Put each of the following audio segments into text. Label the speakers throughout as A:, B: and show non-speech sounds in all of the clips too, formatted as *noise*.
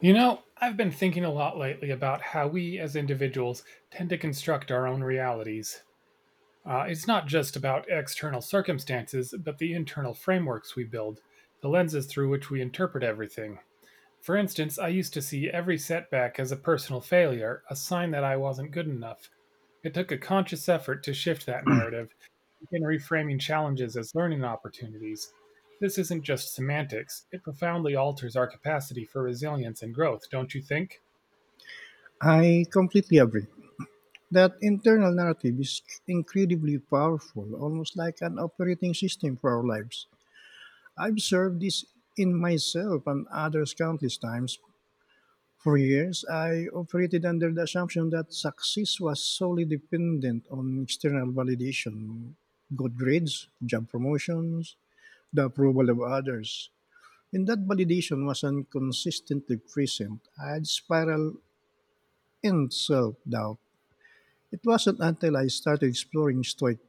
A: You know, I've been thinking a lot lately about how we as individuals tend to construct our own realities. It's not just about external circumstances, but the internal frameworks we build, the lenses through which we interpret everything. For instance, I used to see every setback as a personal failure, a sign that I wasn't good enough. It took a conscious effort to shift that narrative, in reframing challenges as learning opportunities. This isn't just semantics, it profoundly alters our capacity for resilience and growth, don't you think?
B: I completely agree. That internal narrative is incredibly powerful, almost like an operating system for our lives. I've observed this in myself and others countless times. For years, I operated under the assumption that success was solely dependent on external validation, good grades, job promotions, the approval of others. When that validation was inconsistently present, I'd spiral in self doubt. It wasn't until I started exploring Stoic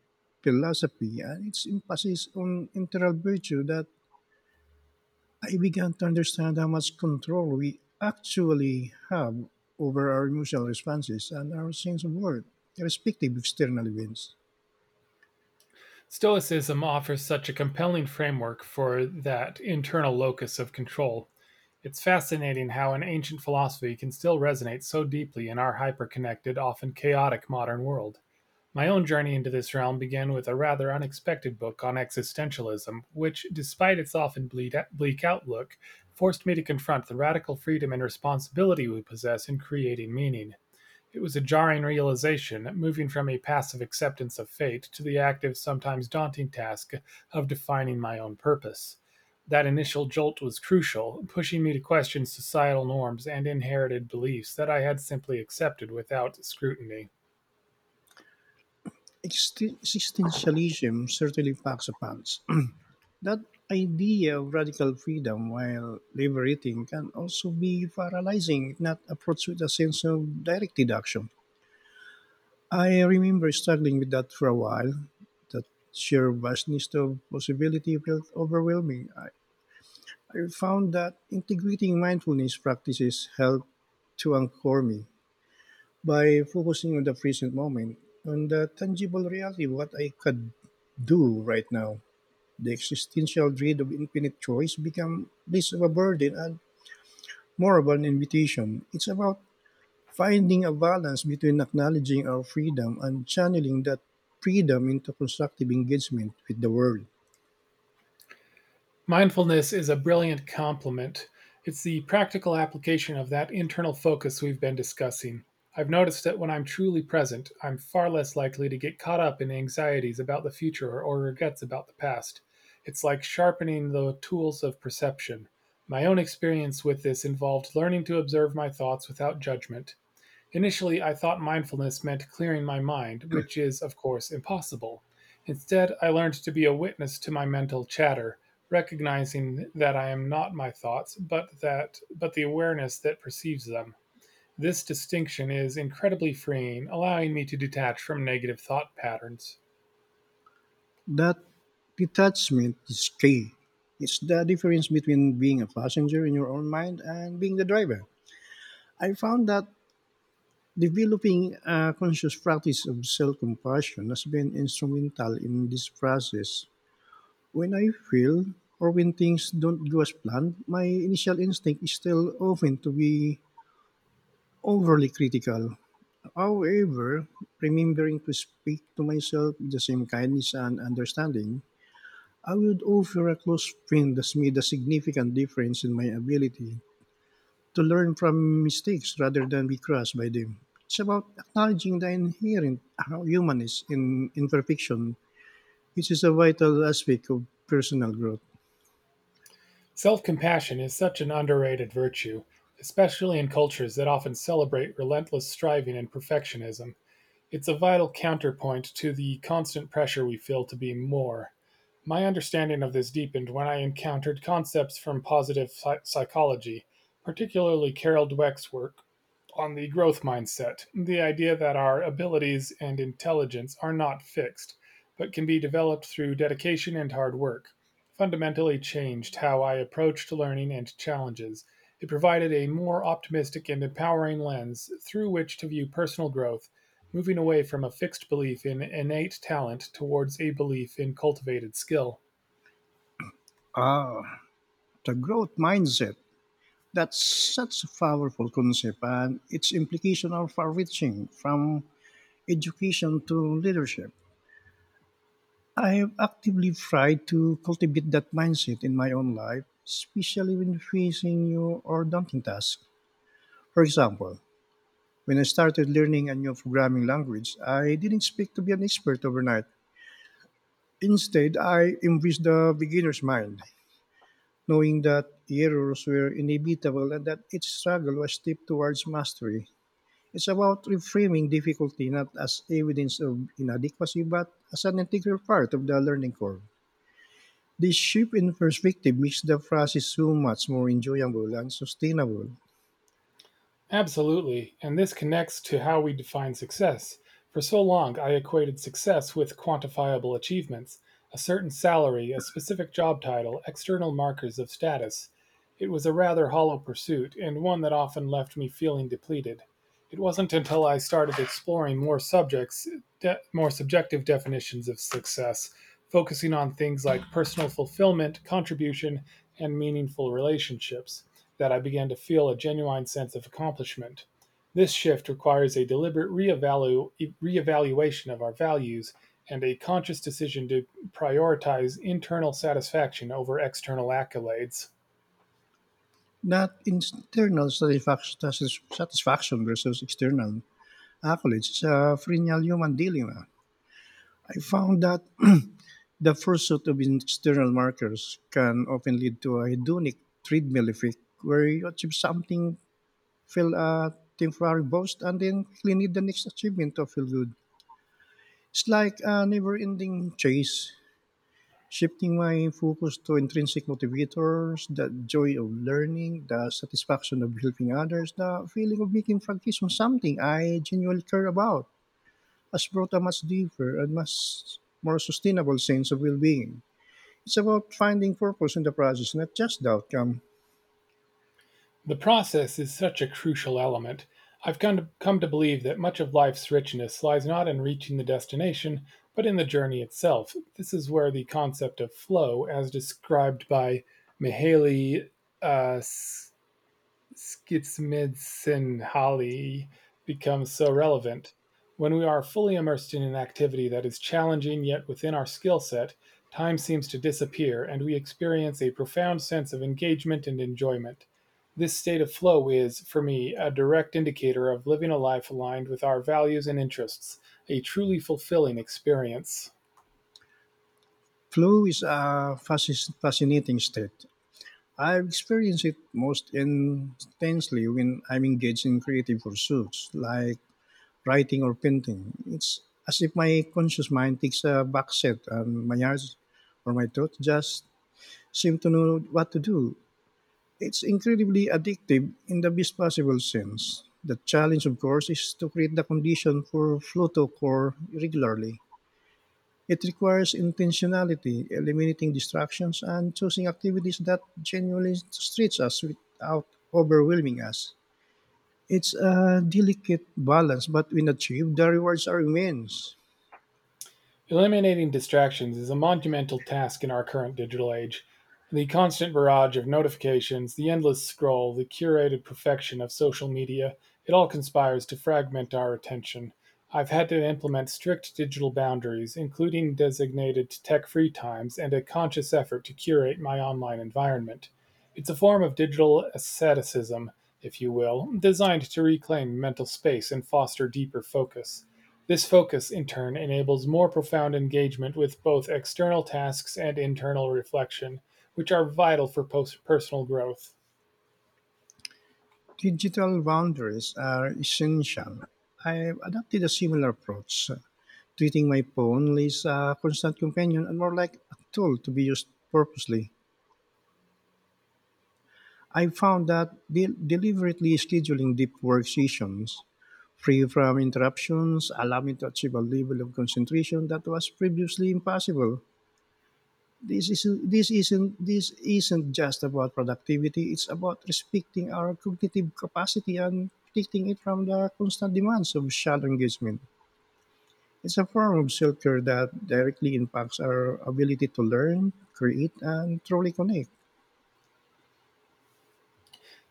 B: philosophy and its emphasis on integral virtue that I began to understand how much control we actually have over our emotional responses and our sense of worth, irrespective of external events.
A: Stoicism offers such a compelling framework for that internal locus of control. It's fascinating how an ancient philosophy can still resonate so deeply in our hyperconnected, often chaotic modern world. My own journey into this realm began with a rather unexpected book on existentialism, which, despite its often bleak outlook, forced me to confront the radical freedom and responsibility we possess in creating meaning. It was a jarring realization, moving from a passive acceptance of fate to the active, sometimes daunting task of defining my own purpose. That initial jolt was crucial, pushing me to question societal norms and inherited beliefs that I had simply accepted without scrutiny.
B: Existentialism certainly packs a punch. *clears throat* That idea of radical freedom, while liberating, can also be paralyzing if not approached with a sense of direct deduction. I remember struggling with that for a while. That sheer vastness of possibility felt overwhelming. I found that integrating mindfulness practices helped to anchor me by focusing on the present moment, on the tangible reality of what I could do right now. The existential dread of infinite choice became less of a burden and more of an invitation. It's about finding a balance between acknowledging our freedom and channeling that freedom into constructive engagement with the world.
A: Mindfulness is a brilliant complement. It's the practical application of that internal focus we've been discussing. I've noticed that when I'm truly present, I'm far less likely to get caught up in anxieties about the future or regrets about the past. It's like sharpening the tools of perception. My own experience with this involved learning to observe my thoughts without judgment. Initially, I thought mindfulness meant clearing my mind, which is, of course, impossible. Instead, I learned to be a witness to my mental chatter, recognizing that I am not my thoughts, but the awareness that perceives them. This distinction is incredibly freeing, allowing me to detach from negative thought patterns.
B: That detachment is key. It's the difference between being a passenger in your own mind and being the driver. I found that developing a conscious practice of self compassion has been instrumental in this process. When I feel or when things don't go as planned, my initial instinct is still often to be overly critical. However, remembering to speak to myself with the same kindness and understanding, I would offer a close friend that's made a significant difference in my ability to learn from mistakes rather than be crushed by them. It's about acknowledging the inherent humanness in imperfection, which is a vital aspect of personal growth.
A: Self-compassion is such an underrated virtue, especially in cultures that often celebrate relentless striving and perfectionism. It's a vital counterpoint to the constant pressure we feel to be more. My understanding of this deepened when I encountered concepts from positive psychology, particularly Carol Dweck's work on the growth mindset, the idea that our abilities and intelligence are not fixed, but can be developed through dedication and hard work, fundamentally changed how I approached learning and challenges. It provided a more optimistic and empowering lens through which to view personal growth moving away from a fixed belief in innate talent towards a belief in cultivated skill.
B: Ah, the growth mindset. That's such a powerful concept, and its implications are far reaching from education to leadership. I have actively tried to cultivate that mindset in my own life, especially when facing new or daunting tasks. For example, when I started learning a new programming language, I didn't expect to be an expert overnight. Instead, I embraced the beginner's mind, knowing that errors were inevitable and that each struggle was a step towards mastery. It's about reframing difficulty not as evidence of inadequacy, but as an integral part of the learning curve. This shift in perspective makes the process so much more enjoyable and sustainable.
A: Absolutely, and this connects to how we define success. For so long, I equated success with quantifiable achievements a certain salary, a specific job title, external markers of status. It was a rather hollow pursuit, and one that often left me feeling depleted. It wasn't until I started exploring more subjective definitions of success, focusing on things like personal fulfillment, contribution, and meaningful relationships that I began to feel a genuine sense of accomplishment. This shift requires a deliberate reevaluation of our values and a conscious decision to prioritize internal satisfaction over external accolades.
B: Not internal satisfaction, satisfaction versus external accolades is a perennial human dilemma. I found that *clears throat* the pursuit of external markers can often lead to a hedonic treadmill effect where you achieve something, feel a temporary boost, and then clean need the next achievement to feel good. It's like a never ending chase shifting my focus to intrinsic motivators, the joy of learning, the satisfaction of helping others, the feeling of making progress on something I genuinely care about, has brought a much deeper and much more sustainable sense of well being. It's about finding purpose in the process, not just the outcome.
A: The process is such a crucial element. I've come to believe that much of life's richness lies not in reaching the destination, but in the journey itself. This is where the concept of flow, as described by Mihaly uh, Schizmidsenhali becomes so relevant. When we are fully immersed in an activity that is challenging yet within our skill set, time seems to disappear and we experience a profound sense of engagement and enjoyment. This state of flow is, for me, a direct indicator of living a life aligned with our values and interests, a truly fulfilling experience.
B: Flow is a fascinating state. I've experienced it most intensely when I'm engaged in creative pursuits like writing or painting. It's as if my conscious mind takes a back seat and my eyes or my thoughts just seem to know what to do. It's incredibly addictive in the best possible sense. The challenge, of course, is to create the condition for flow to occur regularly. It requires intentionality, eliminating distractions, and choosing activities that genuinely stretch us without overwhelming us. It's a delicate balance, but when achieved, the rewards are immense.
A: Eliminating distractions is a monumental task in our current digital age. The constant barrage of notifications, the endless scroll, the curated perfection of social media, it all conspires to fragment our attention. I've had to implement strict digital boundaries, including designated tech free times and a conscious effort to curate my online environment. It's a form of digital asceticism, if you will, designed to reclaim mental space and foster deeper focus. This focus, in turn, enables more profound engagement with both external tasks and internal reflection, which are vital for personal growth.
B: Digital boundaries are essential. I've adopted a similar approach, treating my phone less a constant companion and more like a tool to be used purposely. I found that deliberately scheduling deep work sessions free from interruptions allowed me to achieve a level of concentration that was previously impossible. This isn't just about productivity. It's about respecting our cognitive capacity and protecting it from the constant demands of shadow engagement. It's a form of self-care that directly impacts our ability to learn, create, and truly connect.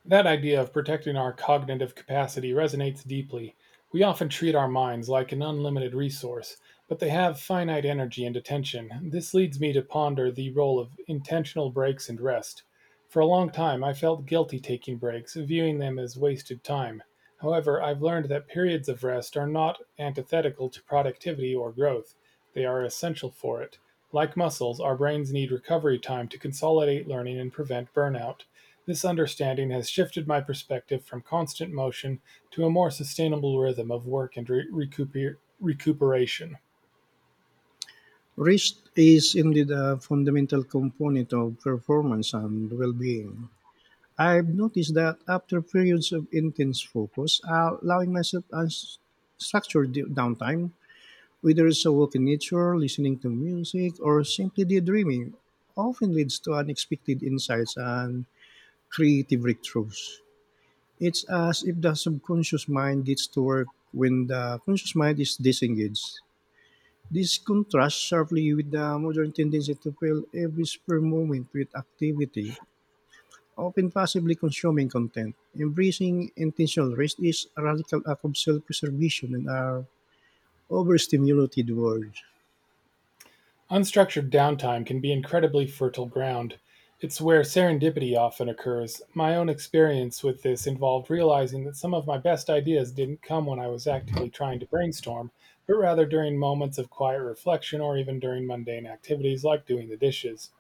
A: That idea of protecting our cognitive capacity resonates deeply. We often treat our minds like an unlimited resource, but they have finite energy and attention. This leads me to ponder the role of intentional breaks and rest. For a long time, I felt guilty taking breaks, viewing them as wasted time. However, I've learned that periods of rest are not antithetical to productivity or growth, they are essential for it. Like muscles, our brains need recovery time to consolidate learning and prevent burnout. This understanding has shifted my perspective from constant motion to a more sustainable rhythm of work and recuperation.
B: Rest is indeed a fundamental component of performance and well-being. I've noticed that after periods of intense focus, allowing myself unstructured downtime, whether it's a walk in nature, listening to music, or simply daydreaming, often leads to unexpected insights and creative breakthroughs. It's as if the subconscious mind gets to work when the conscious mind is disengaged. This contrasts sharply with the modern tendency to fill every spare moment with activity, often passively consuming content. Embracing intentional rest is a radical act of self preservation in our overstimulated world.
A: Unstructured downtime can be incredibly fertile ground. It's where serendipity often occurs. My own experience with this involved realizing that some of my best ideas didn't come when I was actively trying to brainstorm, but rather during moments of quiet reflection or even during mundane activities like doing the dishes.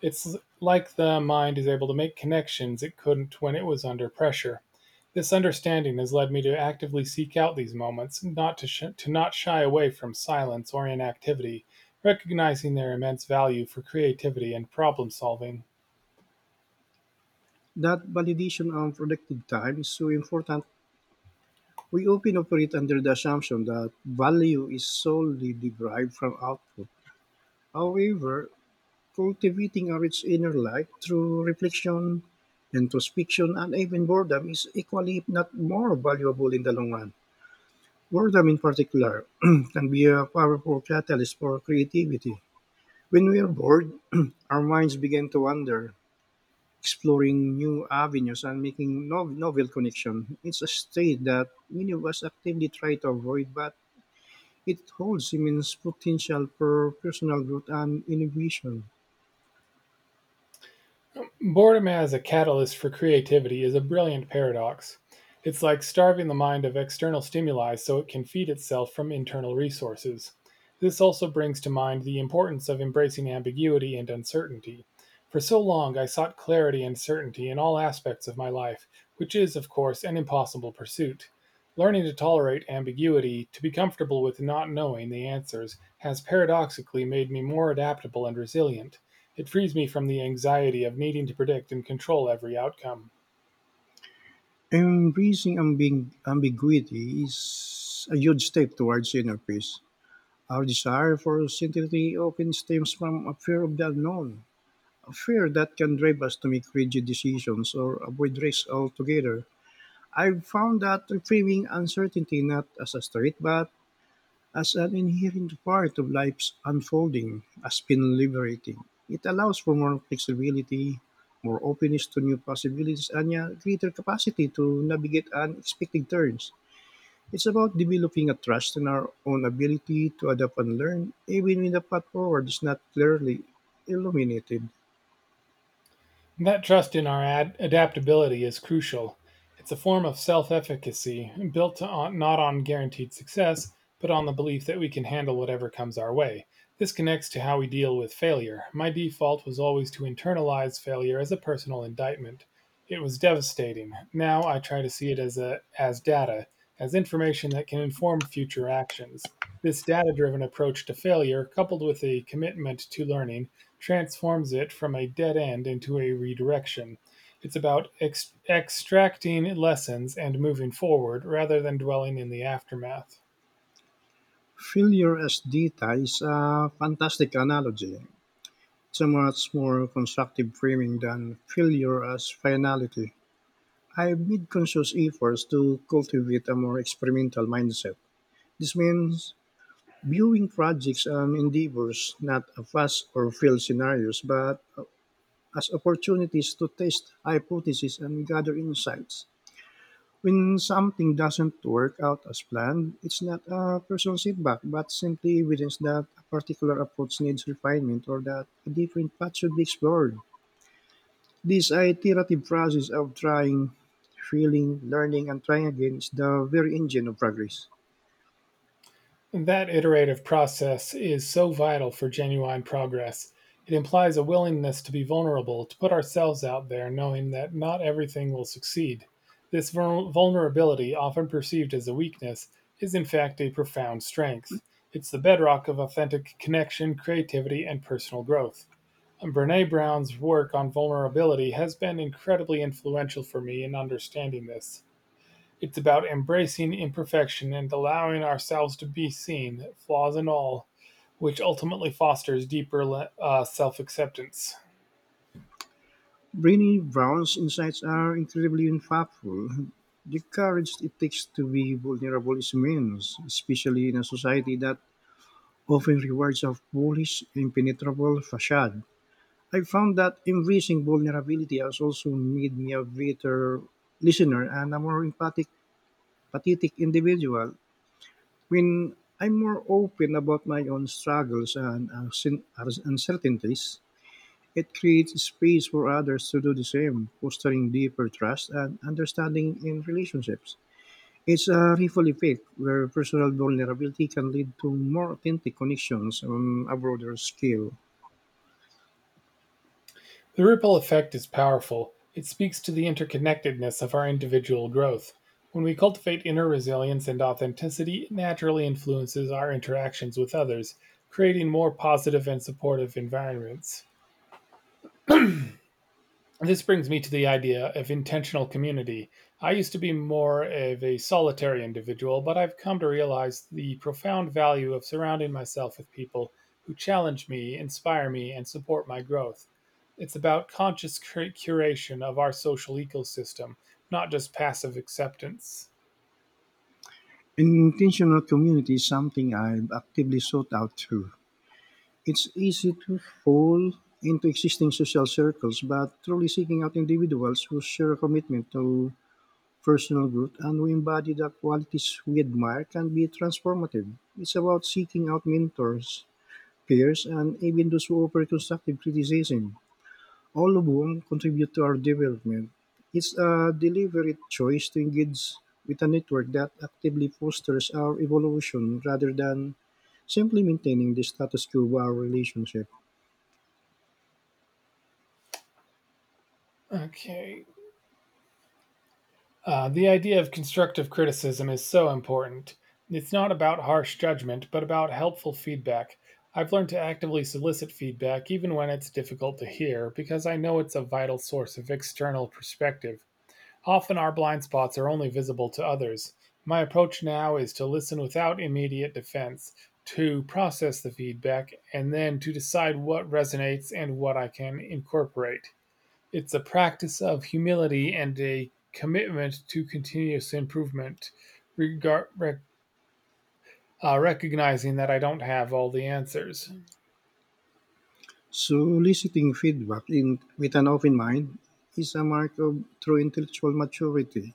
A: It's like the mind is able to make connections it couldn't when it was under pressure. This understanding has led me to actively seek out these moments, not to, sh- to not shy away from silence or inactivity, recognizing their immense value for creativity and problem solving.
B: That validation on productive time is so important. We often operate under the assumption that value is solely derived from output. However, cultivating a rich inner life through reflection, introspection, and even boredom is equally, if not more, valuable in the long run. Boredom, in particular, *clears throat* can be a powerful catalyst for creativity. When we are bored, *clears throat* our minds begin to wander, exploring new avenues and making novel connections. It's a state that many of us actively try to avoid, but it holds immense potential for personal growth and innovation.
A: Boredom as a catalyst for creativity is a brilliant paradox. It's like starving the mind of external stimuli so it can feed itself from internal resources. This also brings to mind the importance of embracing ambiguity and uncertainty. For so long, I sought clarity and certainty in all aspects of my life, which is, of course, an impossible pursuit. Learning to tolerate ambiguity, to be comfortable with not knowing the answers, has paradoxically made me more adaptable and resilient. It frees me from the anxiety of needing to predict and control every outcome.
B: Embracing ambiguity is a huge step towards inner peace. Our desire for certainty often stems from a fear of the unknown, a fear that can drive us to make rigid decisions or avoid risks altogether. I've found that reframing uncertainty not as a threat but as an inherent part of life's unfolding has been liberating. It allows for more flexibility, more openness to new possibilities, and a greater capacity to navigate unexpected turns. It's about developing a trust in our own ability to adapt and learn, even when the path forward is not clearly illuminated.
A: That trust in our adaptability is crucial. It's a form of self efficacy built on, not on guaranteed success, but on the belief that we can handle whatever comes our way. This connects to how we deal with failure. My default was always to internalize failure as a personal indictment. It was devastating. Now I try to see it as data, as information that can inform future actions. This data driven approach to failure, coupled with a commitment to learning, transforms it from a dead end into a redirection. It's about extracting lessons and moving forward rather than dwelling in the aftermath.
B: Failure as data is a fantastic analogy. It's a much more constructive framing than failure as finality. I've made conscious efforts to cultivate a more experimental mindset. This means viewing projects and endeavors not as fast or failed scenarios, but as opportunities to test hypotheses and gather insights. When something doesn't work out as planned, it's not a personal setback, but simply evidence that a particular approach needs refinement or that a different path should be explored. This iterative process of trying, feeling, learning, and trying again is the very engine of progress.
A: That iterative process is so vital for genuine progress. It implies a willingness to be vulnerable, to put ourselves out there, knowing that not everything will succeed. This vulnerability, often perceived as a weakness, is in fact a profound strength. It's the bedrock of authentic connection, creativity, and personal growth. Brene Brown's work on vulnerability has been incredibly influential for me in understanding this. It's about embracing imperfection and allowing ourselves to be seen, flaws and all, which ultimately fosters deeper self acceptance.
B: Brené Brown's insights are incredibly impactful. The courage it takes to be vulnerable is immense, especially in a society that often rewards a foolish, impenetrable facade. I found that embracing vulnerability has also made me a better listener and a more empathic, pathetic individual. When I'm more open about my own struggles and uncertainties, it creates space for others to do the same, fostering deeper trust and understanding in relationships. It's a ripple effect where personal vulnerability can lead to more authentic connections on a broader scale.
A: The ripple effect is powerful. It speaks to the interconnectedness of our individual growth. When we cultivate inner resilience and authenticity, it naturally influences our interactions with others, creating more positive and supportive environments. This brings me to the idea of intentional community. I used to be more of a solitary individual, but I've come to realize the profound value of surrounding myself with people who challenge me, inspire me, and support my growth. It's about conscious curation of our social ecosystem, not just passive acceptance.
B: Intentional community is something I've actively sought out too. It's easy to fall into existing social circles, but truly seeking out individuals who share a commitment to personal growth and we embody the qualities we admire can be transformative. It's about seeking out mentors, peers, and even those who offer constructive criticism. All of whom contribute to our development. It's a deliberate choice to engage with a network that actively fosters our evolution rather than simply maintaining the status quo of our relationship.
A: Okay. The idea of constructive criticism is so important. It's not about harsh judgment, but about helpful feedback. I've learned to actively solicit feedback even when it's difficult to hear because I know it's a vital source of external perspective. Often our blind spots are only visible to others. My approach now is to listen without immediate defense, to process the feedback, and then to decide what resonates and what I can incorporate. It's a practice of humility and a commitment to continuous improvement, regar- rec- recognizing that I don't have all the answers.
B: Soliciting feedback in, with an open mind is a mark of true intellectual maturity.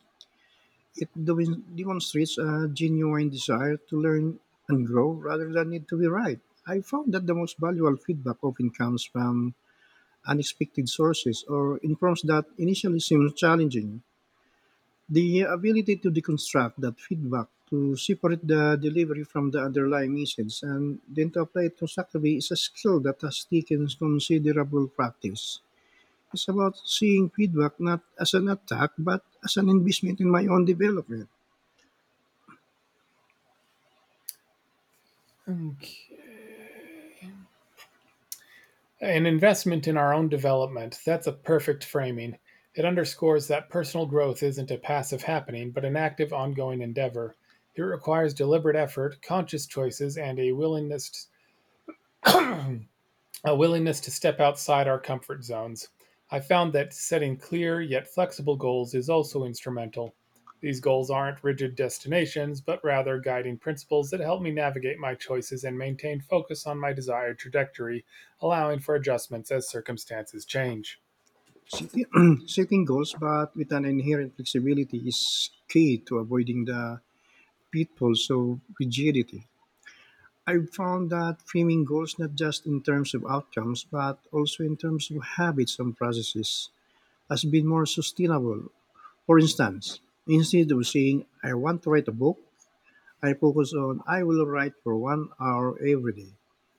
B: It demonstrates a genuine desire to learn and grow rather than need to be right. I found that the most valuable feedback often comes from unexpected sources or in prompts that initially seem challenging. The ability to deconstruct that feedback to separate the delivery from the underlying message and then to apply it constructively is a skill that has taken considerable practice. It's about seeing feedback not as an attack but as an investment in my own development.
A: Okay. An investment in our own development. That's a perfect framing. It underscores that personal growth isn't a passive happening, but an active, ongoing endeavor. It requires deliberate effort, conscious choices, and to, a willingness to step outside our comfort zones. I found that setting clear yet flexible goals is also instrumental. These goals aren't rigid destinations, but rather guiding principles that help me navigate my choices and maintain focus on my desired trajectory, allowing for adjustments as circumstances change.
B: Setting, *clears throat* setting goals, but with an inherent flexibility, is key to avoiding the pitfalls of rigidity. I've found that framing goals not just in terms of outcomes, but also in terms of habits and processes, has been more sustainable. For instance, instead of saying, I want to write a book, I focus on, I will write for 1 hour every day.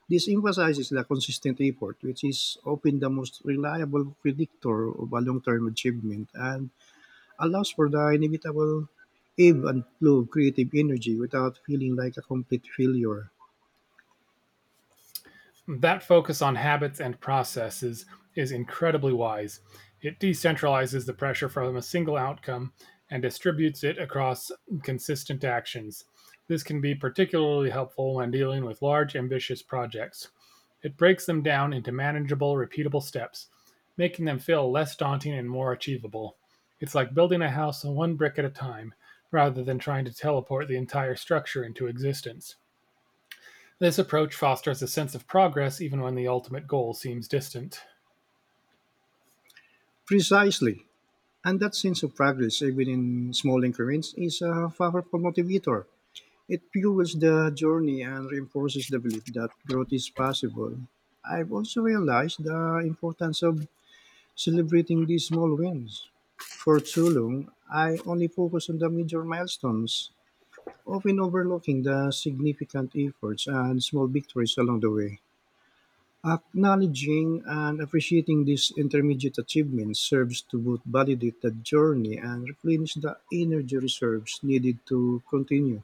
B: This emphasizes the consistent effort, which is often the most reliable predictor of a long term achievement and allows for the inevitable ebb and flow of creative energy without feeling like a complete failure.
A: That focus on habits and processes is incredibly wise. It decentralizes the pressure from a single outcome and distributes it across consistent actions. This can be particularly helpful when dealing with large, ambitious projects. It breaks them down into manageable, repeatable steps, making them feel less daunting and more achievable. It's like building a house one brick at a time, rather than trying to teleport the entire structure into existence. This approach fosters a sense of progress even when the ultimate goal seems distant.
B: Precisely. And that sense of progress, even in small increments, is a powerful motivator. It fuels the journey and reinforces the belief that growth is possible. I've also realized the importance of celebrating these small wins. For too long, I only focused on the major milestones, often overlooking the significant efforts and small victories along the way. Acknowledging and appreciating these intermediate achievements serves to both validate the journey and replenish the energy reserves needed to continue.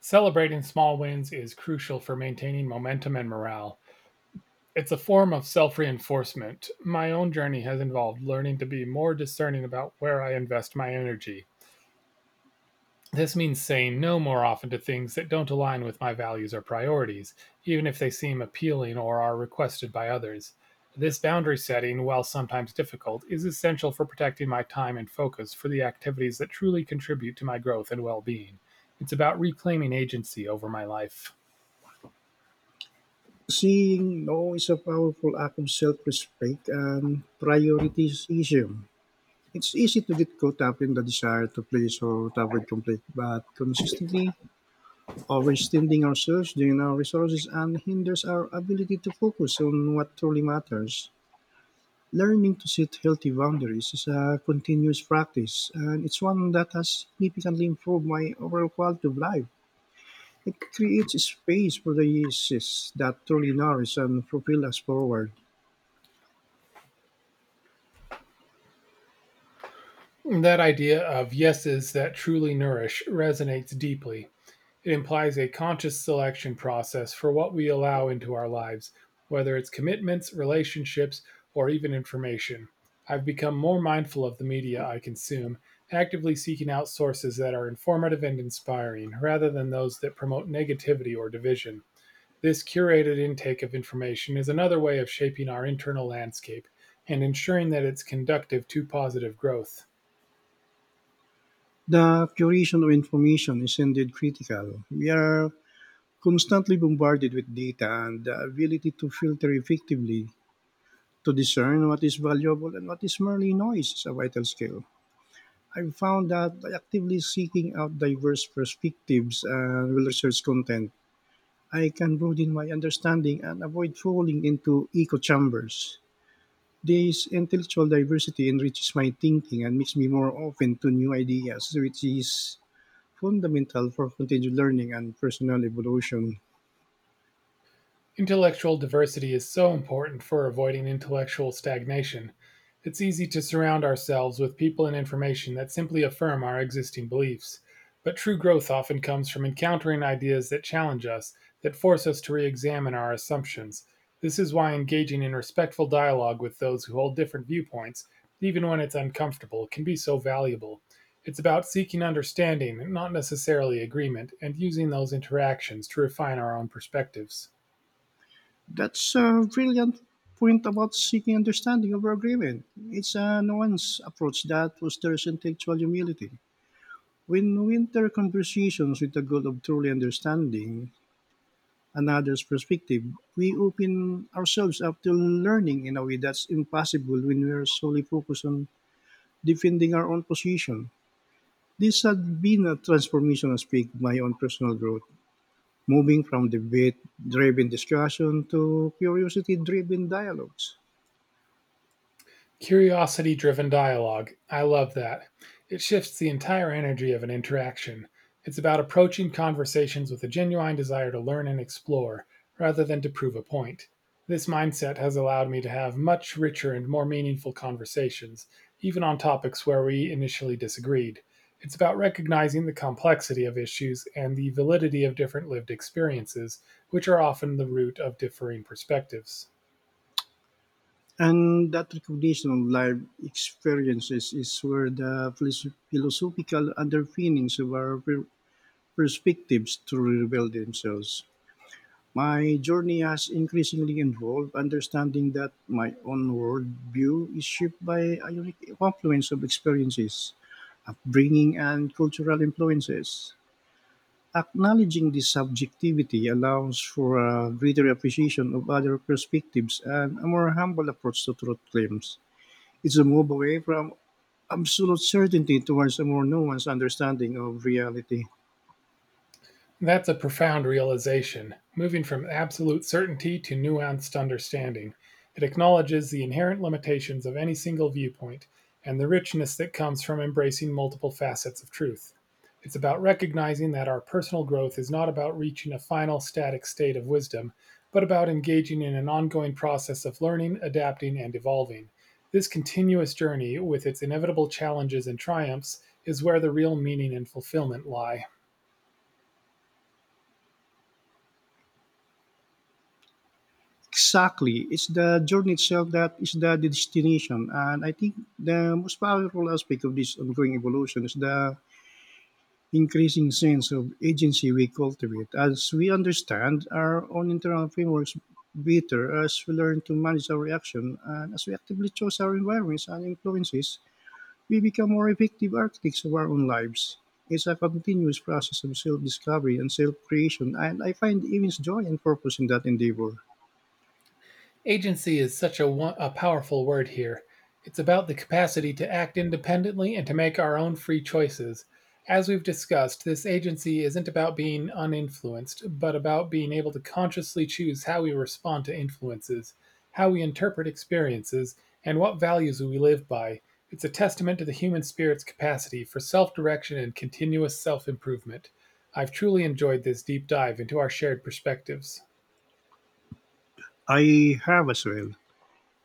A: Celebrating small wins is crucial for maintaining momentum and morale. It's a form of self reinforcement. My own journey has involved learning to be more discerning about where I invest my energy. This means saying no more often to things that don't align with my values or priorities, even if they seem appealing or are requested by others. This boundary setting, while sometimes difficult, is essential for protecting my time and focus for the activities that truly contribute to my growth and well being. It's about reclaiming agency over my life.
B: Seeing no is a powerful act of self respect and prioritization. It's easy to get caught up in the desire to please or to avoid conflict, but consistently overextending ourselves drains our resources and hinders our ability to focus on what truly matters. Learning to set healthy boundaries is a continuous practice, and it's one that has significantly improved my overall quality of life. It creates space for the uses that truly nourish and propel us forward.
A: That idea of yeses that truly nourish resonates deeply. It implies a conscious selection process for what we allow into our lives, whether it's commitments, relationships, or even information. I've become more mindful of the media I consume, actively seeking out sources that are informative and inspiring, rather than those that promote negativity or division. This curated intake of information is another way of shaping our internal landscape and ensuring that it's conductive to positive growth.
B: The curation of information is indeed critical. We are constantly bombarded with data, and the ability to filter effectively to discern what is valuable and what is merely noise is a vital skill. I've found that by actively seeking out diverse perspectives and research content, I can broaden my understanding and avoid falling into echo chambers. This intellectual diversity enriches my thinking and makes me more open to new ideas, which is fundamental for continued learning and personal evolution.
A: Intellectual diversity is so important for avoiding intellectual stagnation. It's easy to surround ourselves with people and information that simply affirm our existing beliefs. But true growth often comes from encountering ideas that challenge us, that force us to re examine our assumptions. This is why engaging in respectful dialogue with those who hold different viewpoints, even when it's uncomfortable, can be so valuable. It's about seeking understanding, not necessarily agreement, and using those interactions to refine our own perspectives.
B: That's a brilliant point about seeking understanding over agreement. It's a nuanced approach that fosters intellectual humility. When we enter conversations with the goal of truly understanding another's perspective, we open ourselves up to learning in a way that's impossible when we are solely focused on defending our own position. This has been a transformation aspect of my own personal growth, moving from debate-driven discussion to curiosity-driven dialogues.
A: Curiosity driven dialogue. I love that. It shifts the entire energy of an interaction. It's about approaching conversations with a genuine desire to learn and explore, rather than to prove a point. This mindset has allowed me to have much richer and more meaningful conversations, even on topics where we initially disagreed. It's about recognizing the complexity of issues and the validity of different lived experiences, which are often the root of differing perspectives.
B: And that recognition of life experiences is where the philosophical underpinnings of our perspectives to reveal themselves. My journey has increasingly involved understanding that my own worldview is shaped by a unique confluence of experiences, upbringing, and cultural influences. Acknowledging this subjectivity allows for a greater appreciation of other perspectives and a more humble approach to truth claims. It's a move away from absolute certainty towards a more nuanced understanding of reality.
A: That's a profound realization, moving from absolute certainty to nuanced understanding. It acknowledges the inherent limitations of any single viewpoint and the richness that comes from embracing multiple facets of truth. It's about recognizing that our personal growth is not about reaching a final static state of wisdom, but about engaging in an ongoing process of learning, adapting, and evolving. This continuous journey, with its inevitable challenges and triumphs, is where the real meaning and fulfillment lie.
B: Exactly. It's the journey itself that is the destination. And I think the most powerful aspect of this ongoing evolution is the increasing sense of agency we cultivate as we understand our own internal frameworks better, as we learn to manage our reaction, and as we actively choose our environments and influences, we become more effective architects of our own lives. It's a continuous process of self discovery and self creation, and I find immense joy and purpose in that endeavor.
A: Agency is such a powerful word here. It's about the capacity to act independently and to make our own free choices. As we've discussed, this agency isn't about being uninfluenced, but about being able to consciously choose how we respond to influences, how we interpret experiences, and what values we live by. It's a testament to the human spirit's capacity for self direction and continuous self improvement. I've truly enjoyed this deep dive into our shared perspectives.
B: I have as well.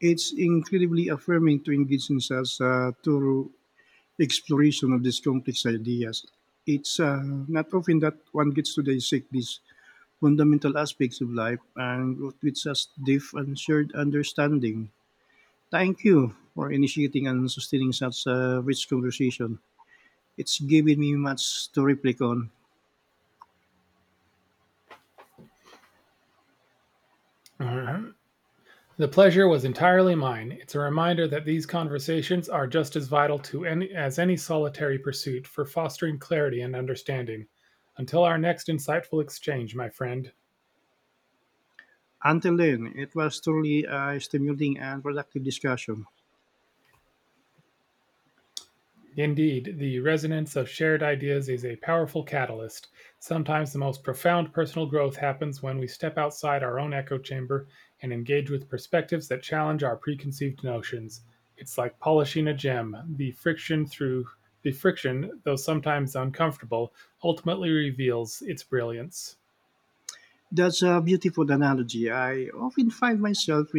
B: It's incredibly affirming to engage in such a thorough exploration of these complex ideas. It's not often that one gets to dissect these fundamental aspects of life and with such deep and shared understanding. Thank you for initiating and sustaining such a rich conversation. It's given me much to reflect on.
A: Uh huh. The pleasure was entirely mine. It's a reminder that these conversations are just as vital to any as any solitary pursuit for fostering clarity and understanding. Until our next insightful exchange, my friend.
B: Until then, it was truly a stimulating and productive discussion.
A: Indeed, the resonance of shared ideas is a powerful catalyst. Sometimes the most profound personal growth happens when we step outside our own echo chamber and engage with perspectives that challenge our preconceived notions. It's like polishing a gem. The friction, though sometimes uncomfortable, ultimately reveals its brilliance.
B: That's a beautiful analogy. I often find myself